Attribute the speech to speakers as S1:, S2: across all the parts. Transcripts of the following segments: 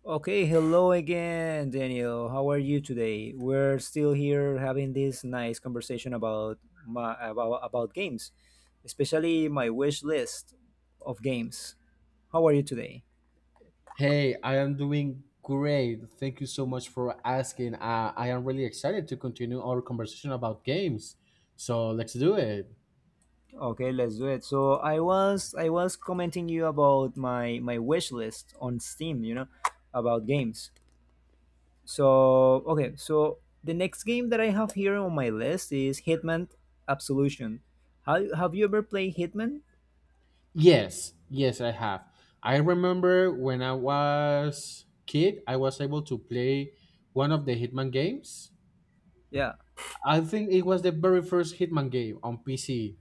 S1: Okay, hello again, Daniel. How are you today? We're still here having this nice conversation about about games, especially my wish list of games. How are you today?
S2: Hey, I am doing great. Thank you so much for asking. I am really excited to continue our conversation about games. So let's do it.
S1: Okay, let's do it. So I was commenting you about my wish list on Steam, about games. So okay, so the next game that I have here on my list is Hitman Absolution. Have you ever played Hitman?
S2: Yes, yes, I have. I remember when I was kid, I was able to play one of the Hitman games.
S1: Yeah.
S2: I think it was the very first Hitman game on PC.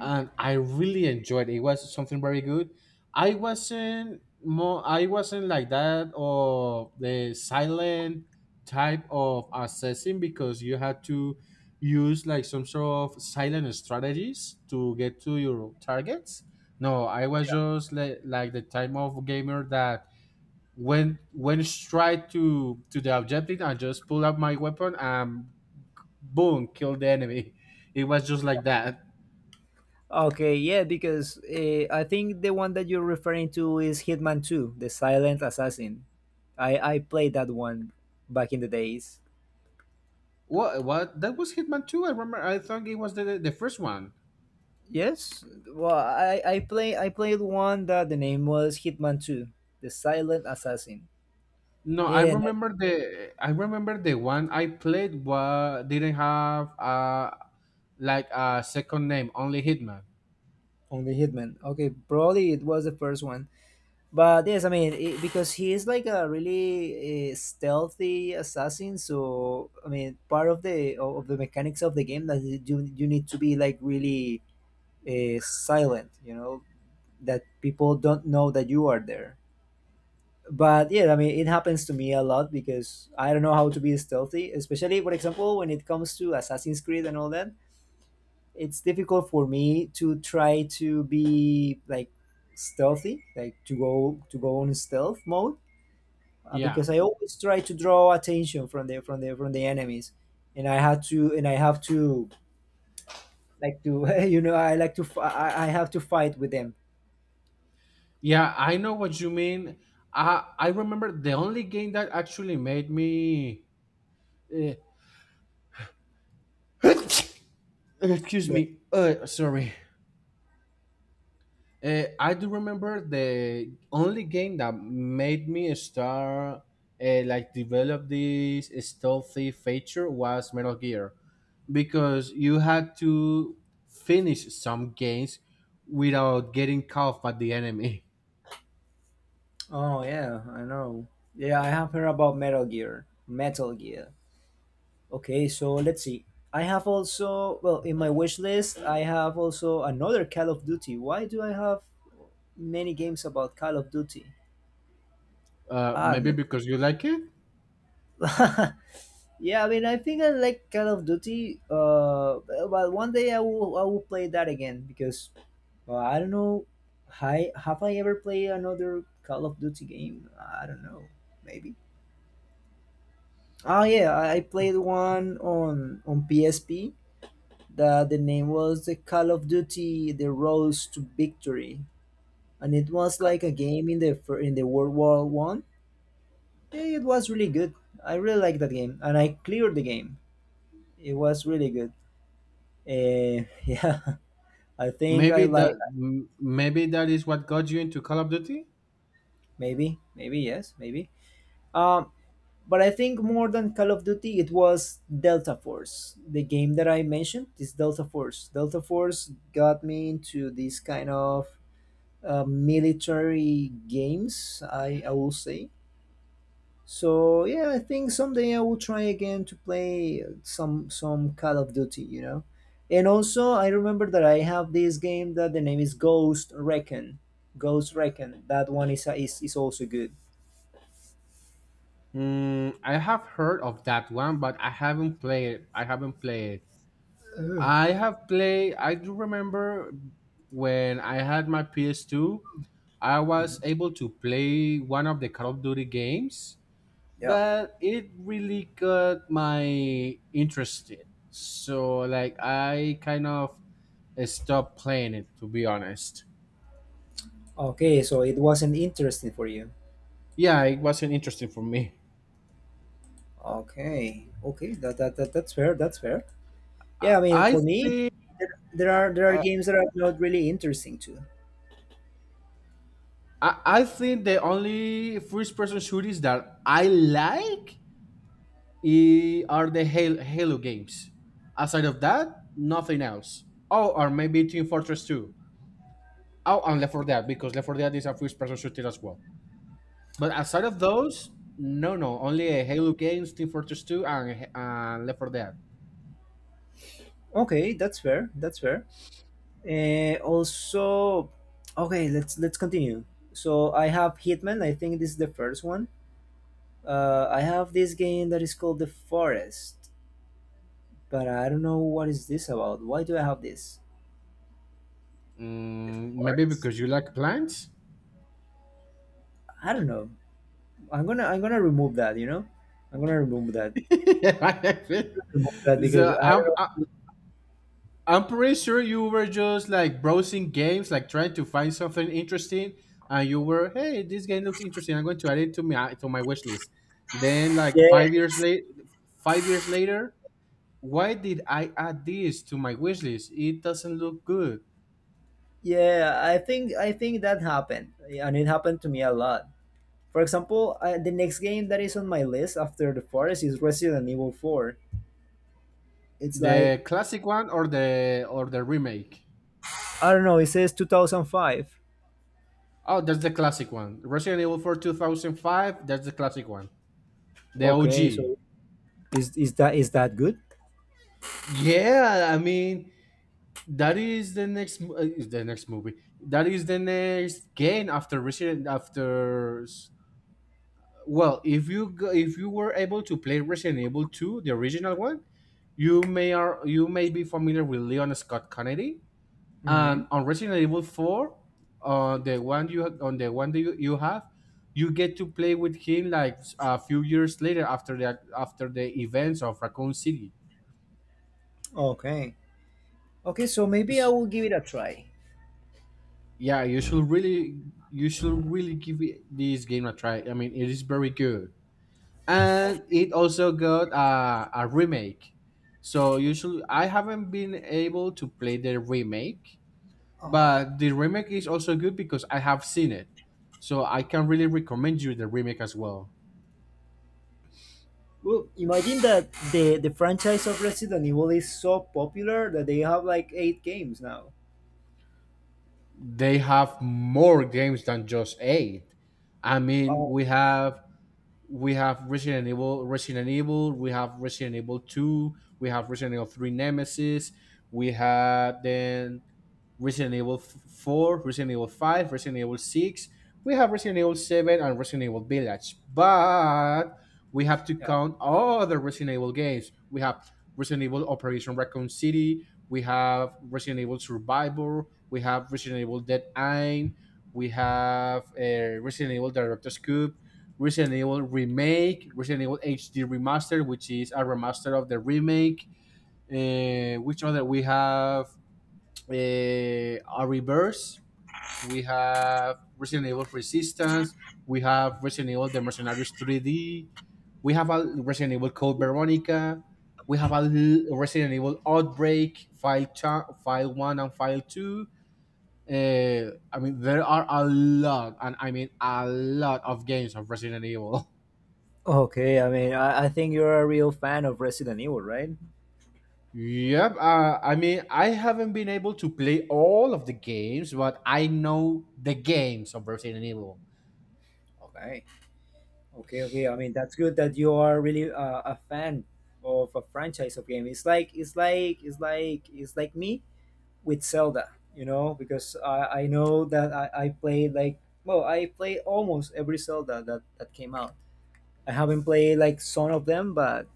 S2: And I really enjoyed it. It was something very good. I wasn't like that or the silent type of assessing because you had to use like some sort of silent strategies to get to your targets. No, I was just like the type of gamer that went straight to the objective and just pull up my weapon and boom, kill the enemy. It was just like that.
S1: Okay, yeah, because I think the one that you're referring to is Hitman 2, The Silent Assassin. I played that one back in the days.
S2: What? What? That was Hitman Two. I remember. I thought it was the first one.
S1: Yes, well, I played one that the name was Hitman 2, The Silent Assassin.
S2: No, I
S1: Yeah,
S2: remember the. I remember the one I played. What didn't have like a second name. Only Hitman.
S1: only Hitman. Okay, probably it was the first one. But yes, I mean, because he is like a really stealthy assassin. So I mean, part of the mechanics of the game that you need to be like really silent, that people don't know that you are there. But yeah, I mean, it happens to me a lot because I don't know how to be stealthy, especially for example when it comes to Assassin's Creed and all that. It's difficult for me to try to be like stealthy, like to go on stealth mode.
S2: Yeah.
S1: Because I always try to draw attention from the from the enemies, and I have to like to you know I like to fi- I have to fight with them.
S2: Yeah, I know what you mean. I remember the only game that actually made me. Uh, excuse me. Sorry. I do remember the only game that made me start like develop this stealthy feature was Metal Gear because you had to finish some games without getting caught by the enemy.
S1: Oh yeah, I know. Yeah, I have heard about Metal Gear. Metal Gear. Okay, so let's see. I have also, well, in my wish list, I have also another Call of Duty. Why do I have many games about Call of Duty? Ah,
S2: Maybe
S1: no.
S2: because you like it.
S1: Yeah, I mean, I think I like Call of Duty. But one day I will play that again because, well, I don't know. Hi, have I ever played another Call of Duty game? I don't know. Maybe. Oh yeah, I played one on PSP. That the name was the Call of Duty: The Road to Victory, and it was like a game in the World War I. It was really good. I really liked that game, and I cleared the game. It was really good. Yeah, I think I like,
S2: Maybe that is what got you into Call of Duty.
S1: maybe, maybe, yes, maybe. Um, But I think more than Call of Duty, it was Delta Force. The game that I mentioned is Delta Force. Delta Force got me into these kind of military games, I will say. So yeah, I think someday I will try again to play some Call of Duty. And also I remember that I have this game that the name is Ghost Recon. Ghost Recon. That one is also good.
S2: Mm, I have heard of that one, but I haven't played. I haven't played.
S1: Uh,
S2: I have played. I do remember when I had my PS2, I was able to play one of the Call of Duty games,
S1: yeah.
S2: but it really got my interested. So like I kind of stopped playing it to be honest.
S1: Okay, so it wasn't interesting for you.
S2: Yeah, it wasn't interesting for me.
S1: Okay, okay, that's fair. That's fair. Yeah, I mean,
S2: I
S1: for me,
S2: think
S1: there are games that are not really interesting too.
S2: I think the only first person shooters that I like are the Halo games. Aside of that, nothing else. Oh, or maybe Team Fortress 2. Oh, and Left 4 Dead, because Left 4 Dead is a first-person shooter as well. But aside of those, no, no, only Halo games, Team Fortress 2, and Left 4 Dead.
S1: Okay, that's fair. That's fair. Also, okay, let's continue. So I have Hitman. I think this is the first one. I have this game that is called The Forest, but I don't know what is this about. Why do I have this? The
S2: Mm, maybe
S1: Forest?
S2: because you like plants?
S1: I don't know. I'm gonna remove that. I'm gonna remove that. Remove that because
S2: so
S1: I
S2: I'm,
S1: don't know.
S2: I'm pretty sure you were just like browsing games, like trying to find something interesting, and you were, hey, this game looks interesting. I'm going to add it to my wish list. Then,
S1: Yeah,
S2: 5 years later, why did I add this to my wish list? It doesn't look good.
S1: yeah, I think that happened, yeah, and it happened to me a lot. For example, the next game that is on my list after the Forest is Resident Evil Four. It's like,
S2: The classic one or the remake?
S1: I don't know. It says 2005.
S2: Oh, that's the classic one. Resident Evil 4 2005. That's the classic one. The
S1: Okay,
S2: OG.
S1: so is that good?
S2: Yeah, I mean, that is the next mo- is the next movie that is the next game after resident after s- well if you were able to play Resident Evil 2, the original one, you may are you may be familiar with Leon Scott Kennedy,
S1: Hmm.
S2: and on Resident Evil 4, on the one that you have, you get to play with him like a few years later after the events of Raccoon City.
S1: Okay, okay. So maybe I will give it a try.
S2: Yeah, you should really this game a try. I mean, it is very good, and it also got a remake. So you should. I haven't been able to play the remake,
S1: Uh-huh.
S2: but the remake is also good because I have seen it. So I can really recommend you the remake as well.
S1: Well, imagine that the franchise of Resident Evil is so popular that they have like eight games now.
S2: They have more games than just eight. I mean,
S1: Oh.
S2: we have Resident Evil, we have Resident Evil 2, we have Resident Evil 3 Nemesis, we have then Resident Evil 4, Resident Evil 5, Resident Evil 6. We have Resident Evil 7 and Resident Evil Village. But we have to count all the Resident Evil games. We have Resident Evil Operation Raccoon City. We have Resident Evil Survivor. We have Resident Evil Dead Eye. We have Resident Evil Director's Cube. Resident Evil Remake, Resident Evil HD Remaster, which is a remaster of the remake. Which other we have? uh, a reverse. We have Resident Evil Resistance. We have Resident Evil The Mercenaries 3D. We have a Resident Evil Code Veronica. We have a Resident Evil Outbreak File One and File Two. I mean, there are a lot, and I mean a lot of games of Resident Evil.
S1: Okay, I mean, I think you're a real fan of Resident Evil, right?
S2: Yep. I mean, I haven't been able to play all of the games, but I know the games of Resident Evil.
S1: Okay. Okay, okay. I mean, that's good that you are really a fan of a franchise of game. It's like me with Zelda, because I know that I played, like, well, I played almost every Zelda that came out. I haven't played like some of them, but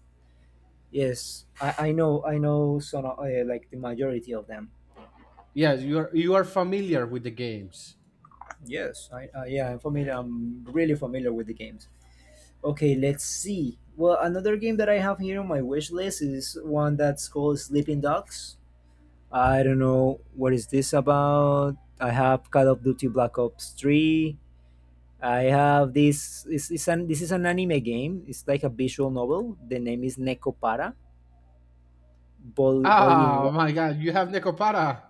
S1: yes, I know some of, like the majority of them.
S2: Yes, you are familiar with the games.
S1: Yes, I yeah, I'm familiar. I'm really familiar with the games. Okay, let's see. Well, another game that I have here on my wish list is one that's called Sleeping Dogs. I don't know what is this about. I have Call of Duty Black Ops 3. I have this. This is an anime game. It's like a visual novel. The name is Nekopara Volume
S2: Oh
S1: 1.
S2: my god, you have Necopara.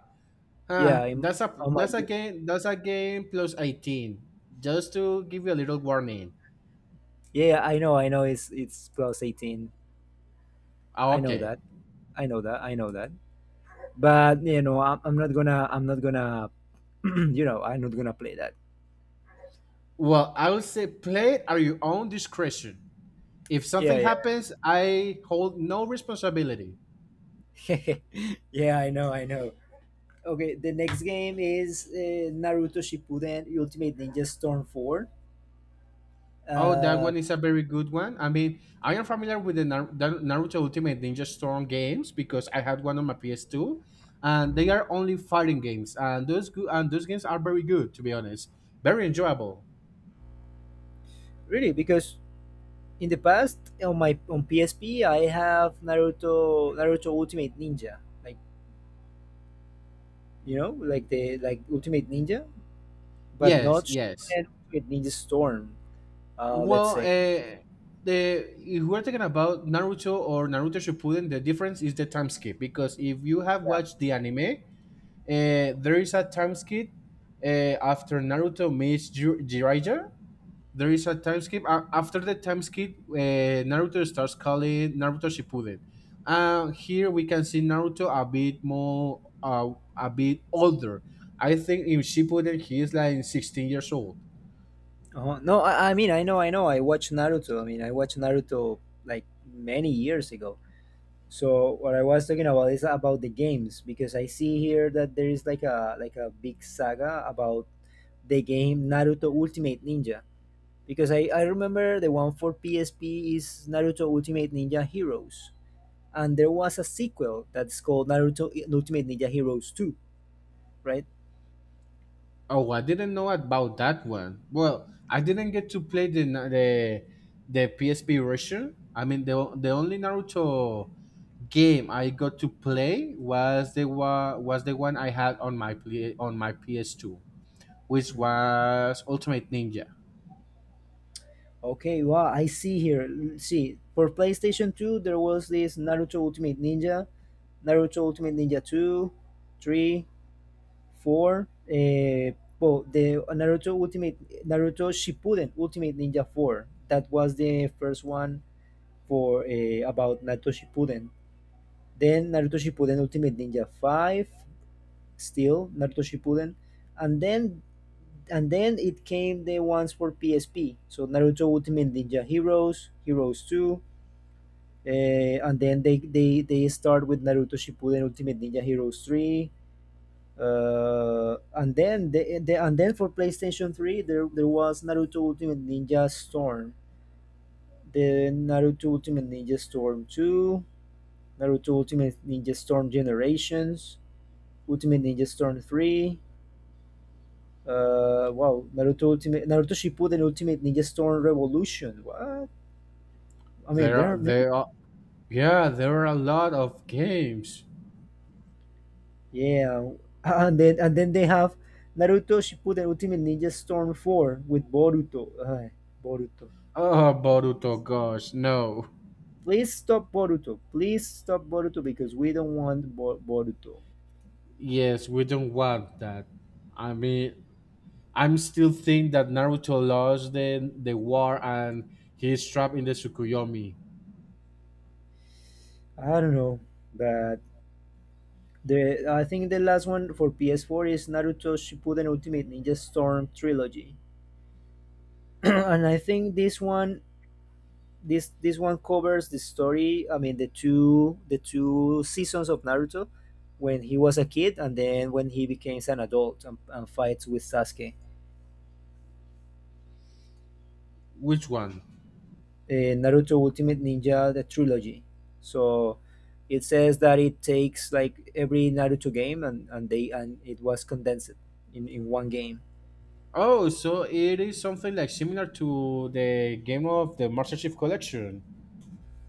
S1: Yeah, I'm oh my
S2: That's a
S1: god.
S2: game plus 18. Just to give you a little warning.
S1: Yeah, yeah, I know it's plus 18.
S2: Ah,
S1: I know
S2: okay.
S1: that. I know that. I know that. But, I'm not gonna I'm not gonna play that.
S2: Well, I would say play it at your own discretion. If something
S1: Yeah,
S2: happens, I hold no responsibility.
S1: yeah. Yeah, I know. Okay, the next game is Naruto Shippuden Ultimate Ninja Storm 4.
S2: Oh, that
S1: Uh,
S2: one is a very good one. I mean, I am familiar with the Naruto Ultimate Ninja Storm games because I had one on my PS2, and they are only fighting games, and those games are very good to be honest, very enjoyable.
S1: Really, because in the past on PSP I have Naruto Ultimate Ninja, like, you know, like the like Ultimate Ninja, but not
S2: Yes, yes.
S1: Shippuden Ultimate Ninja Storm. Let's
S2: Well,
S1: say,
S2: the If we're talking about Naruto or Naruto Shippuden, the difference is the time skip because if you have
S1: yeah.
S2: watched the anime, there is a time skip uh, after Naruto meets Jiraiya there is a time skip. After the time skip, Naruto starts calling Naruto Shippuden. Here we can see Naruto a bit more, a bit older. I think in Shippuden he is like 16 years old.
S1: Uh-huh. No, I mean I know. I watched Naruto. I mean, I watched Naruto like many years ago. So what I was talking about is about the games because I see here that there is like a big saga about the game Naruto Ultimate Ninja, because I remember the one for PSP is Naruto Ultimate Ninja Heroes, and there was a sequel that's called Naruto Ultimate Ninja Heroes 2, right?
S2: Oh, I didn't know about that one. Well, I didn't get to play the na- the PSP version. I mean, the only Naruto game I got to play was the one I had on my PS2, which
S1: Mhm.
S2: was Ultimate Ninja.
S1: Okay, wow, I see here. See, for PlayStation 2 there was this Naruto Ultimate Ninja, Naruto Ultimate Ninja 2, 3, Four, well, the Naruto Shippuden Ultimate Ninja 4. That was the first one for about Naruto Shippuden. Then Naruto Shippuden Ultimate Ninja 5, still Naruto Shippuden, and then and then it came the ones for PSP. So Naruto Ultimate Ninja Heroes, Heroes 2, and then they start with Naruto Shippuden Ultimate Ninja Heroes 3, and then for PlayStation 3 there was Naruto Ultimate Ninja Storm, the Naruto Ultimate Ninja Storm 2, Naruto Ultimate Ninja Storm Generations, Ultimate Ninja Storm 3, wow, Naruto Shippuden Ultimate Ninja Storm Revolution, what? I mean there are many,
S2: There are, yeah, there are a lot of games.
S1: yeah, and then they have Naruto Shippuden Ultimate Ninja Storm 4 with Boruto. Ay, Boruto.
S2: Oh, Boruto, gosh, no.
S1: Please stop Boruto. Please stop Boruto because we don't want Boruto.
S2: Yes, we don't want that. I mean, I'm still think that Naruto lost the war and he's trapped in the Tsukuyomi.
S1: I don't know, but the I think the last one for PS4 is Naruto Shippuden Ultimate Ninja Storm Trilogy, and I think this one covers the story. I mean, the two seasons of Naruto, when he was a kid and then when he becomes an adult, and fights with Sasuke.
S2: Which one?
S1: Naruto Ultimate Ninja, the trilogy. So it says that it takes like every Naruto game, and it was condensed in one game.
S2: Oh, so it is something like similar to the game of the Master Chief Collection.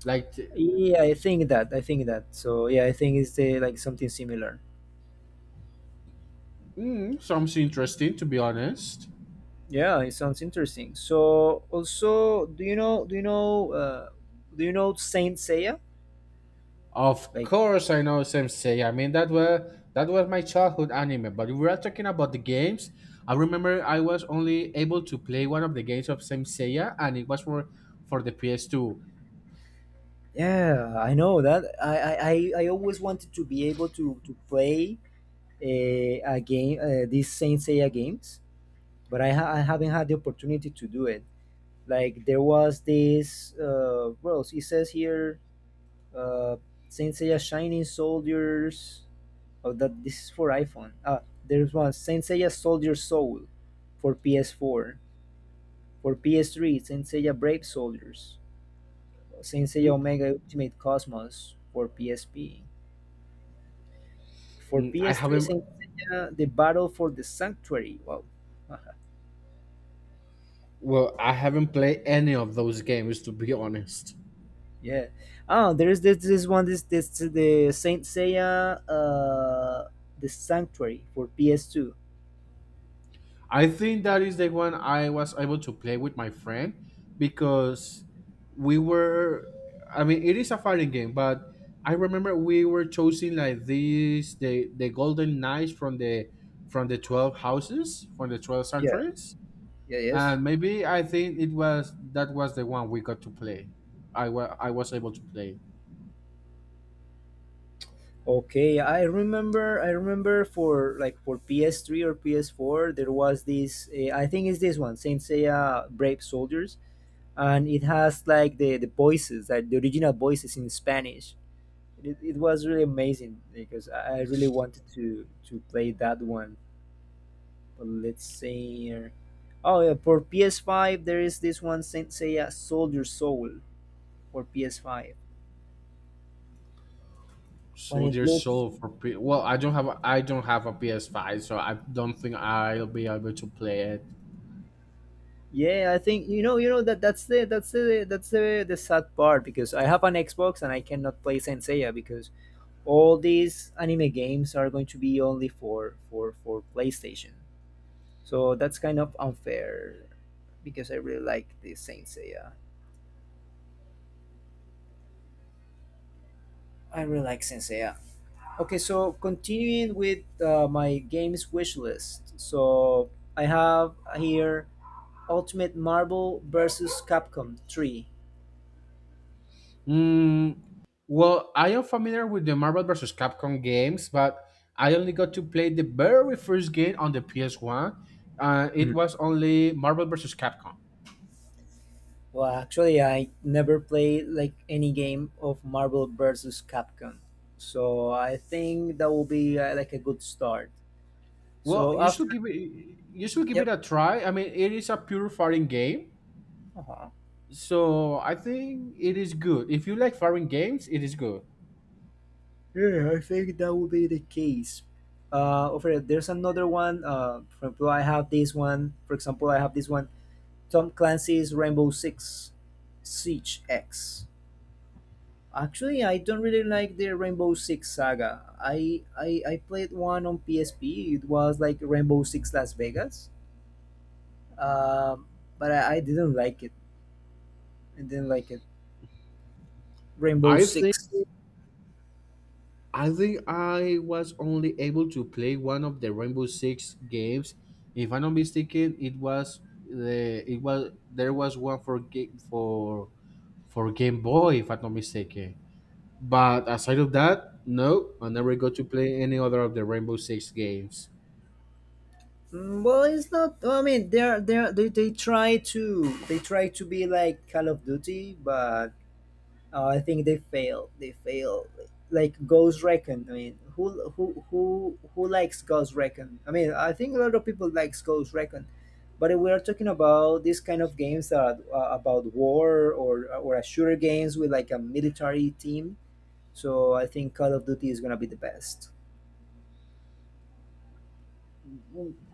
S2: Like,
S1: Yeah, I think that. I think that. So yeah, I think it's like something similar.
S2: mm, sounds interesting to be honest.
S1: Yeah, it sounds interesting. So also, do you know do you know do you know Saint Seiya?
S2: Of
S1: Like,
S2: course, I know Sensei. I mean, that was my childhood anime. But if we are talking about the games, I remember I was only able to play one of the games of Sensei, and it was for the PS2.
S1: yeah, I know that. I always wanted to be able to play a game, these Saint Seiya games, but I haven't had the opportunity to do it. Like, there was this, well, it says here, uh, Saint Seiya Shining Soldiers. Oh, that this is for iPhone. Ah, there's one Saint Seiya Soldier Soul for PS4. For PS3, Saint Seiya Brave Soldiers. Saint Seiya
S2: Mm,
S1: Omega Ultimate Cosmos for PSP. For
S2: mm, I
S1: PS3,
S2: haven't
S1: Saint Seiya The Battle for the Sanctuary. Wow.
S2: Well, I haven't played any of those games to be honest.
S1: Yeah. Oh, there is this this one this this the Saint Seiya, the Sanctuary for PS2.
S2: I think that is the one I was able to play with my friend because we were. I mean, it is a fighting game, but I remember we were choosing like these the golden knights from the 12 houses from the 12
S1: Yeah.
S2: centuries,
S1: Yeah. Yes.
S2: and maybe I think it was that was the one we got to play. I was able to play
S1: Okay, I remember for PS3 or PS4 there was this, I think it's this one, Saint Seiya Brave Soldiers, and it has like the voices, like the original voices in Spanish. It was really amazing because I really wanted to play that one, let's say oh yeah, for PS5 there is this one Saint Seiya Soldier Soul for PS5. But it
S2: Soldier
S1: looks,
S2: Soul for well I don't have a PS5, so I don't think I'll be able to play it.
S1: yeah, I think that's the the sad part because I have an Xbox and I cannot play Saint Seiya because all these anime games are going to be only for playstation so that's kind of unfair because I really like the Saint Seiya. I really like Saint Seiya. Okay, so continuing with my games wish list. So I have here Ultimate Marvel versus Capcom 3.
S2: Mm, well, I am familiar with the Marvel versus Capcom games, but I only got to play the very first game on the PS1. It
S1: Mm.
S2: was only Marvel versus Capcom.
S1: Well, actually, I never played like any game of Marvel versus Capcom, so I think that will be like a good start.
S2: Well,
S1: So after,
S2: you should give
S1: yep,
S2: it a try. I mean, it is a pure fighting game,
S1: uh-huh.
S2: so I think it is good. If you like fighting games, it is good.
S1: Yeah, I think that will be the case. Over there, there's another one. For example, I have this one. For example, I have this one. Tom Clancy's Rainbow Six Siege X. Actually, I don't really like the Rainbow Six saga. I played one on PSP. It was like Rainbow Six Las Vegas. Um but I didn't like it. I didn't like it. Rainbow
S2: I think
S1: Six.
S2: I think I was only able to play one of the Rainbow Six games. If I'm not mistaken, it was the it was there was one for Game Boy, if I'm not mistaken. But aside of that, no, I never got to play any other of the Rainbow Six games.
S1: Mm. Well, it's not. I mean, they try to be like Call of Duty, but I think they failed. They failed. Like Ghost Recon. I mean, who likes Ghost Recon? I mean, I think a lot of people likes Ghost Recon, but if we are talking about these kind of games that are about war or a shooter games with like a military team. So I think Call of Duty is gonna be the best,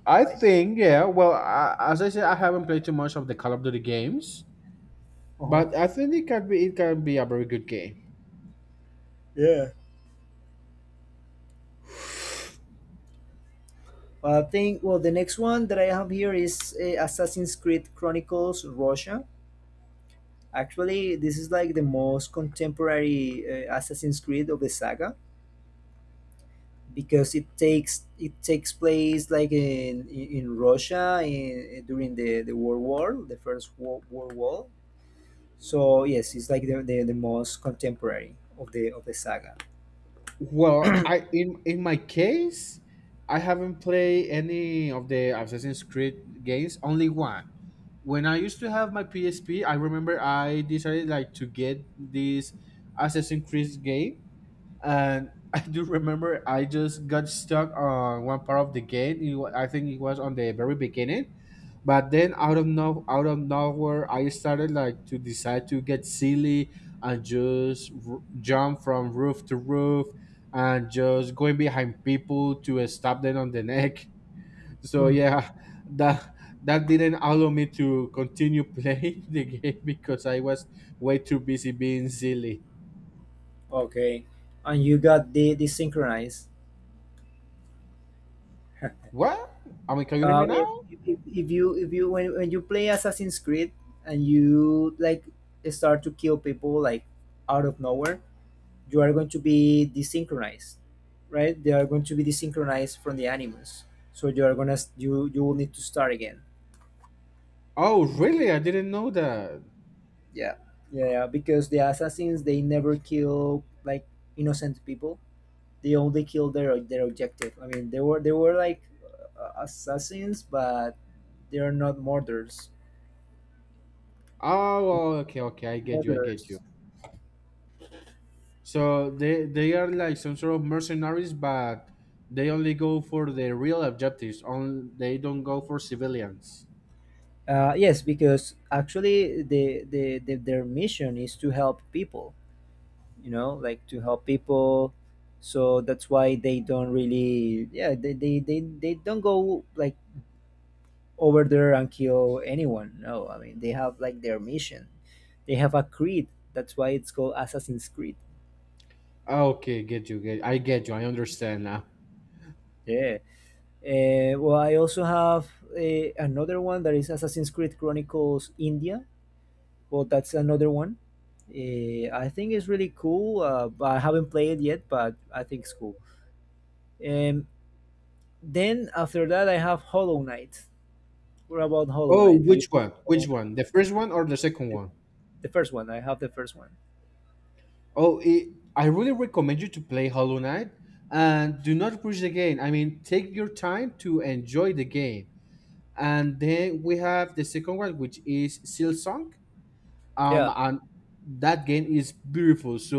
S2: I
S1: right?
S2: think yeah. Well, as I said, I haven't played too much of the Call of Duty games,
S1: Uh huh.
S2: but I think it can be a very good game.
S1: Yeah. Well, I think well the next one that I have here is Assassin's Creed Chronicles Russia. Actually, this is like the most contemporary Assassin's Creed of the saga because it takes place like in Russia in, during the First World War. So yes, it's like the most contemporary of the saga.
S2: Well, I in my case, I haven't played any of the Assassin's Creed games. Only one. When I used to have my PSP, I remember I decided like to get this Assassin's Creed game, and I do remember I just got stuck on one part of the game. I think it was on the very beginning, but then out of no out of nowhere I started like to decide to get silly and jump from roof to roof and just going behind people to stab them on the neck so
S1: Hmm.
S2: yeah, that that didn't allow me to continue playing the game because I was way too busy being silly.
S1: Okay, and you got the desynchronized.
S2: What, I mean, can you hear
S1: Uh,
S2: me now?
S1: if, if you when you play Assassin's Creed and you like start to kill people like out of nowhere, you are going to be desynchronized, right? They are going to be desynchronized from the animus, so you are gonna you will need to start again.
S2: Oh really, I didn't know that.
S1: Yeah. Yeah, because the assassins they never kill like innocent people, they only kill their objective. I mean, they were like assassins but they are not murderers.
S2: Oh, well, okay, I get you, I get you.
S1: Murderers.
S2: So they are like some sort of mercenaries, but they only go for the real objectives. On they don't go for civilians.
S1: Yes, because actually their mission is to help people, you know, like to help people. So that's why they don't really, yeah, they don't go like over there and kill anyone. No, I mean, they have like their mission, they have a creed. That's why it's called Assassin's Creed.
S2: Ah, okay, get you. Get, I get you. I understand now.
S1: Yeah. Well, I also have another one that is Assassin's Creed Chronicles India. Well, that's another one. I think it's really cool. But I haven't played it yet, but I think it's cool. Um, then after that, I have Hollow Knight. What about Hollow
S2: Oh,
S1: Knight? Do you
S2: which
S1: like
S2: one?
S1: Hollow
S2: Which
S1: Knight?
S2: one? The first one or the second one?
S1: The first one? I have the first one.
S2: Oh, it, I really recommend you to play Hollow Knight and do not push the game. I mean, take your time to enjoy the game. And then we have the second one, which is Silsong. um
S1: Yeah.
S2: and that game is beautiful, so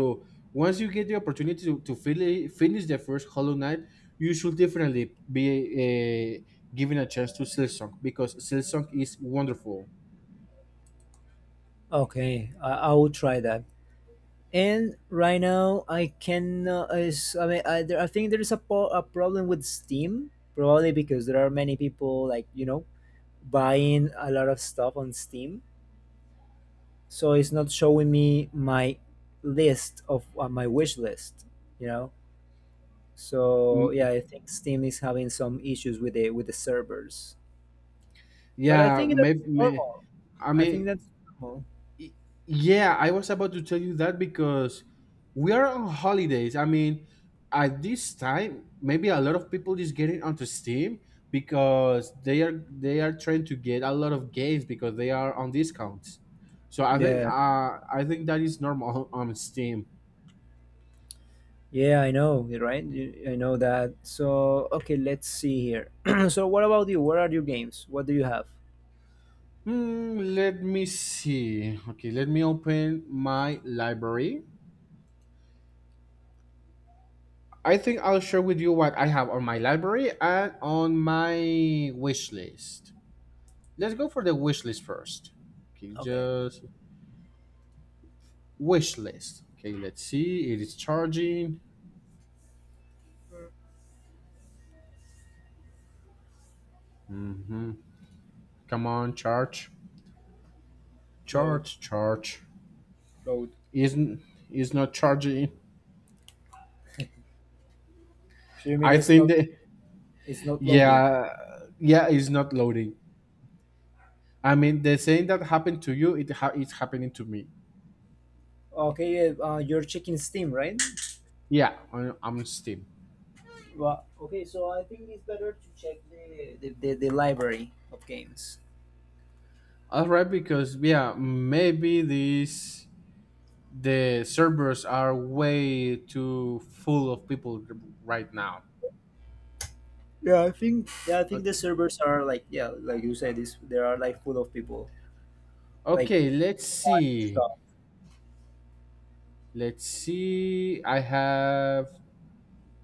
S2: once you get the opportunity to, finish the first Hollow Knight, you should definitely be given a chance to Silsong because Silsong is wonderful.
S1: Okay. I will try that. And right now, I cannot. I mean, I think there is a, a problem with Steam, probably because there are many people like you know buying a lot of stuff on Steam, so it's not showing me my list of my wish list. You know, so
S2: Mm,
S1: yeah, I think Steam is having some issues with the servers. But I
S2: yeah
S1: think
S2: maybe,
S1: that's normal.
S2: I
S1: I think
S2: mean.
S1: that's normal.
S2: Yeah, I was about to tell you that because we are on holidays. I mean, at this time, maybe a lot of people is getting onto Steam because they are trying to get a lot of games because they are on discounts. So
S1: Yeah.
S2: I think that is normal on Steam.
S1: Yeah, I know, you're right? You- I know that. So, okay, let's see here. So, what about you? What are your games? What do you have?
S2: Hmm, let me see. Okay, let me open my library. I think I'll share with you what I have on my library and on my wish list. Let's go for the wish list first. Okay,
S1: Okay.
S2: just wish list. Okay, let's see. It is charging. Come on, charge,
S1: Load,
S2: charge, charge.
S1: load.
S2: Isn't, is not charging.
S1: So you mean
S2: I
S1: it's
S2: think
S1: not,
S2: that
S1: it's not loading?
S2: yeah, yeah, it's not loading. I mean, the same that happened to you, it's happening to me.
S1: Okay, yeah, you're checking Steam, right?
S2: Yeah, on Steam.
S1: Well, okay, so I think it's better to check the library of games.
S2: All right, because yeah, maybe these the servers are way too full of people right now.
S1: Yeah, I think the
S2: Ok,
S1: servers are like yeah, like you said, this there are like full of people like
S2: okay, let's see.
S1: stuff.
S2: Let's see. I have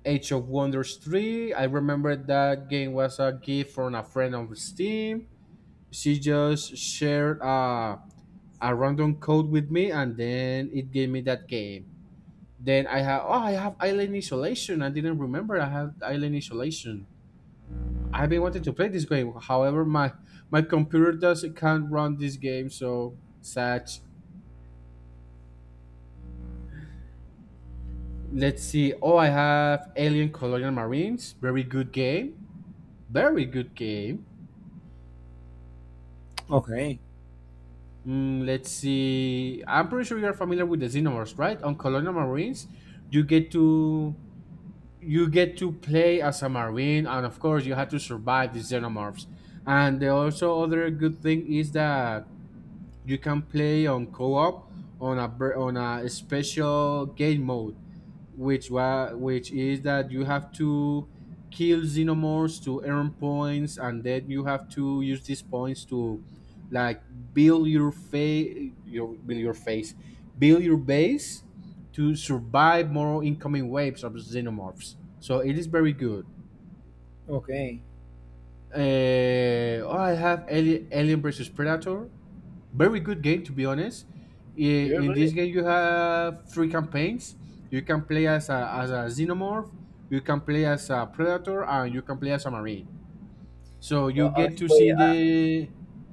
S2: Age of Wonders 3. I remember that game was a gift from a friend on Steam. She just shared a random code with me and then it gave me that game. Then I have, oh, I have Island Isolation. I didn't remember I had Island Isolation. I've been wanting to play this game. However, my computer doesn't, can't run this game, so sad. Let's see. Oh, I have Alien Colonial Marines. Very good game. Very good game.
S1: Okay.
S2: Mm, let's see. I'm pretty sure you're familiar with the Xenomorphs, right? On Colonial Marines, you get to you get to play as a marine, and of course, you have to survive the Xenomorphs. And the also other good thing is that you can play on co-op on a special game mode, which is that you have to kill Xenomorphs to earn points and then you have to use these points to, like, build your face build your base to survive more incoming waves of Xenomorphs, so it is very good.
S1: Okay,
S2: Uh, oh, I have Alien, Alien versus Predator. Very good game, to be honest.
S1: you're
S2: In
S1: good.
S2: this game, you have three campaigns. You can play as a Xenomorph, you can play as a Predator, and you can play as a marine. So
S1: Well,
S2: you
S1: I,
S2: get to see
S1: wait,
S2: the,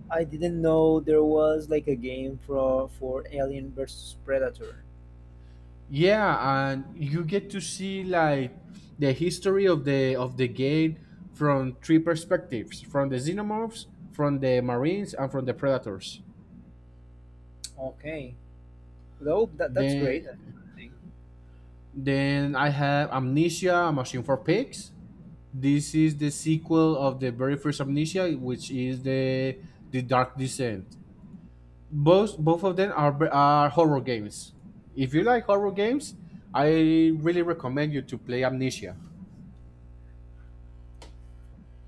S1: I didn't know there was like a game for Alien versus Predator.
S2: yeah, and you get to see like the history of the game from three perspectives: from the Xenomorphs, from the marines, and from the Predators.
S1: Okay, no, that, that's great.
S2: Then
S1: I think.
S2: then I have Amnesia, A Machine for Pigs. This is the sequel of the very first Amnesia, which is the Dark Descent. Both of them are horror games. If you like horror games, I really recommend you to play Amnesia.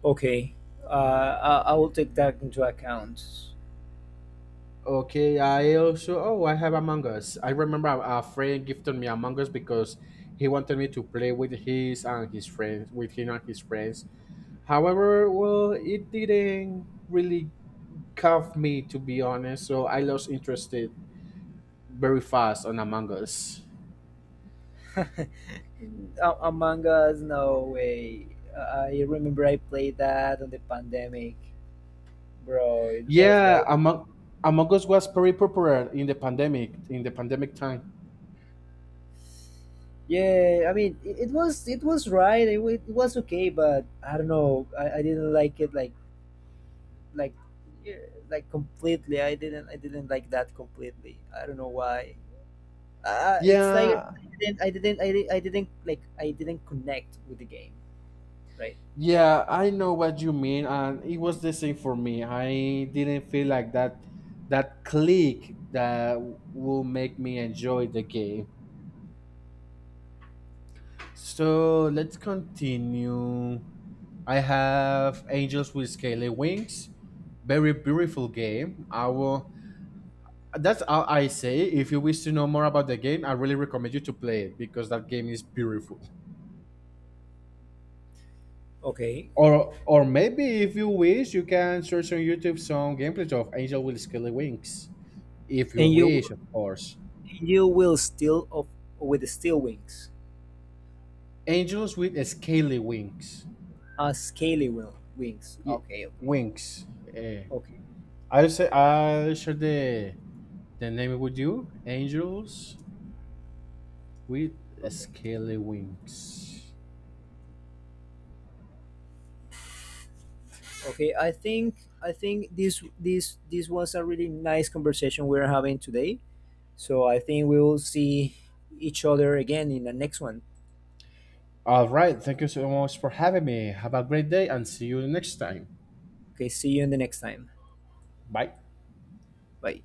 S1: Okay, I will take that into account.
S2: Okay, I also, oh, I have Among Us. I remember a friend gifted me Among Us because he wanted me to play with his and his friends with him and his friends. However, well, it didn't really cuff me, to be honest, so I lost interest very fast on Among Us.
S1: A- Among Us, no way. I remember I played that on the pandemic, bro. It was
S2: Yeah,
S1: like,
S2: Among Us was very popular in the pandemic, in the pandemic time.
S1: yeah. I mean, it was it was right. It was okay, but I don't know. I didn't like it like yeah, like completely. I didn't like that completely. I don't know why. It's like
S2: Yeah,
S1: I didn't like I didn't connect with the game, right?
S2: yeah, I know what you mean, and it was the same for me. I didn't feel like that that click that will make me enjoy the game. So let's continue. I have Angels with Scaly Wings. Very beautiful game. I will, that's how I say. If you wish to know more about the game, I really recommend you to play it because that game is beautiful.
S1: Okay.
S2: Or maybe if you wish, you can search on YouTube some gameplays of Angel with Scaly Wings. If you
S1: And
S2: wish,
S1: you
S2: of course.
S1: and you will steal of with the steel wings.
S2: Angels with Scaly Wings.
S1: Scaly will wings.
S2: Y-
S1: Okay, okay.
S2: Wings. Eh,
S1: Okay.
S2: I'll say, I'll share the name with you. Angels with
S1: Okay.
S2: Scaly Wings.
S1: Okay. I think this was a really nice conversation we're having today. So I think we will see each other again in the next one.
S2: All right. Thank you so much for having me. Have a great day and see you next time.
S1: Okay, see you in the next time.
S2: Bye.
S1: Bye.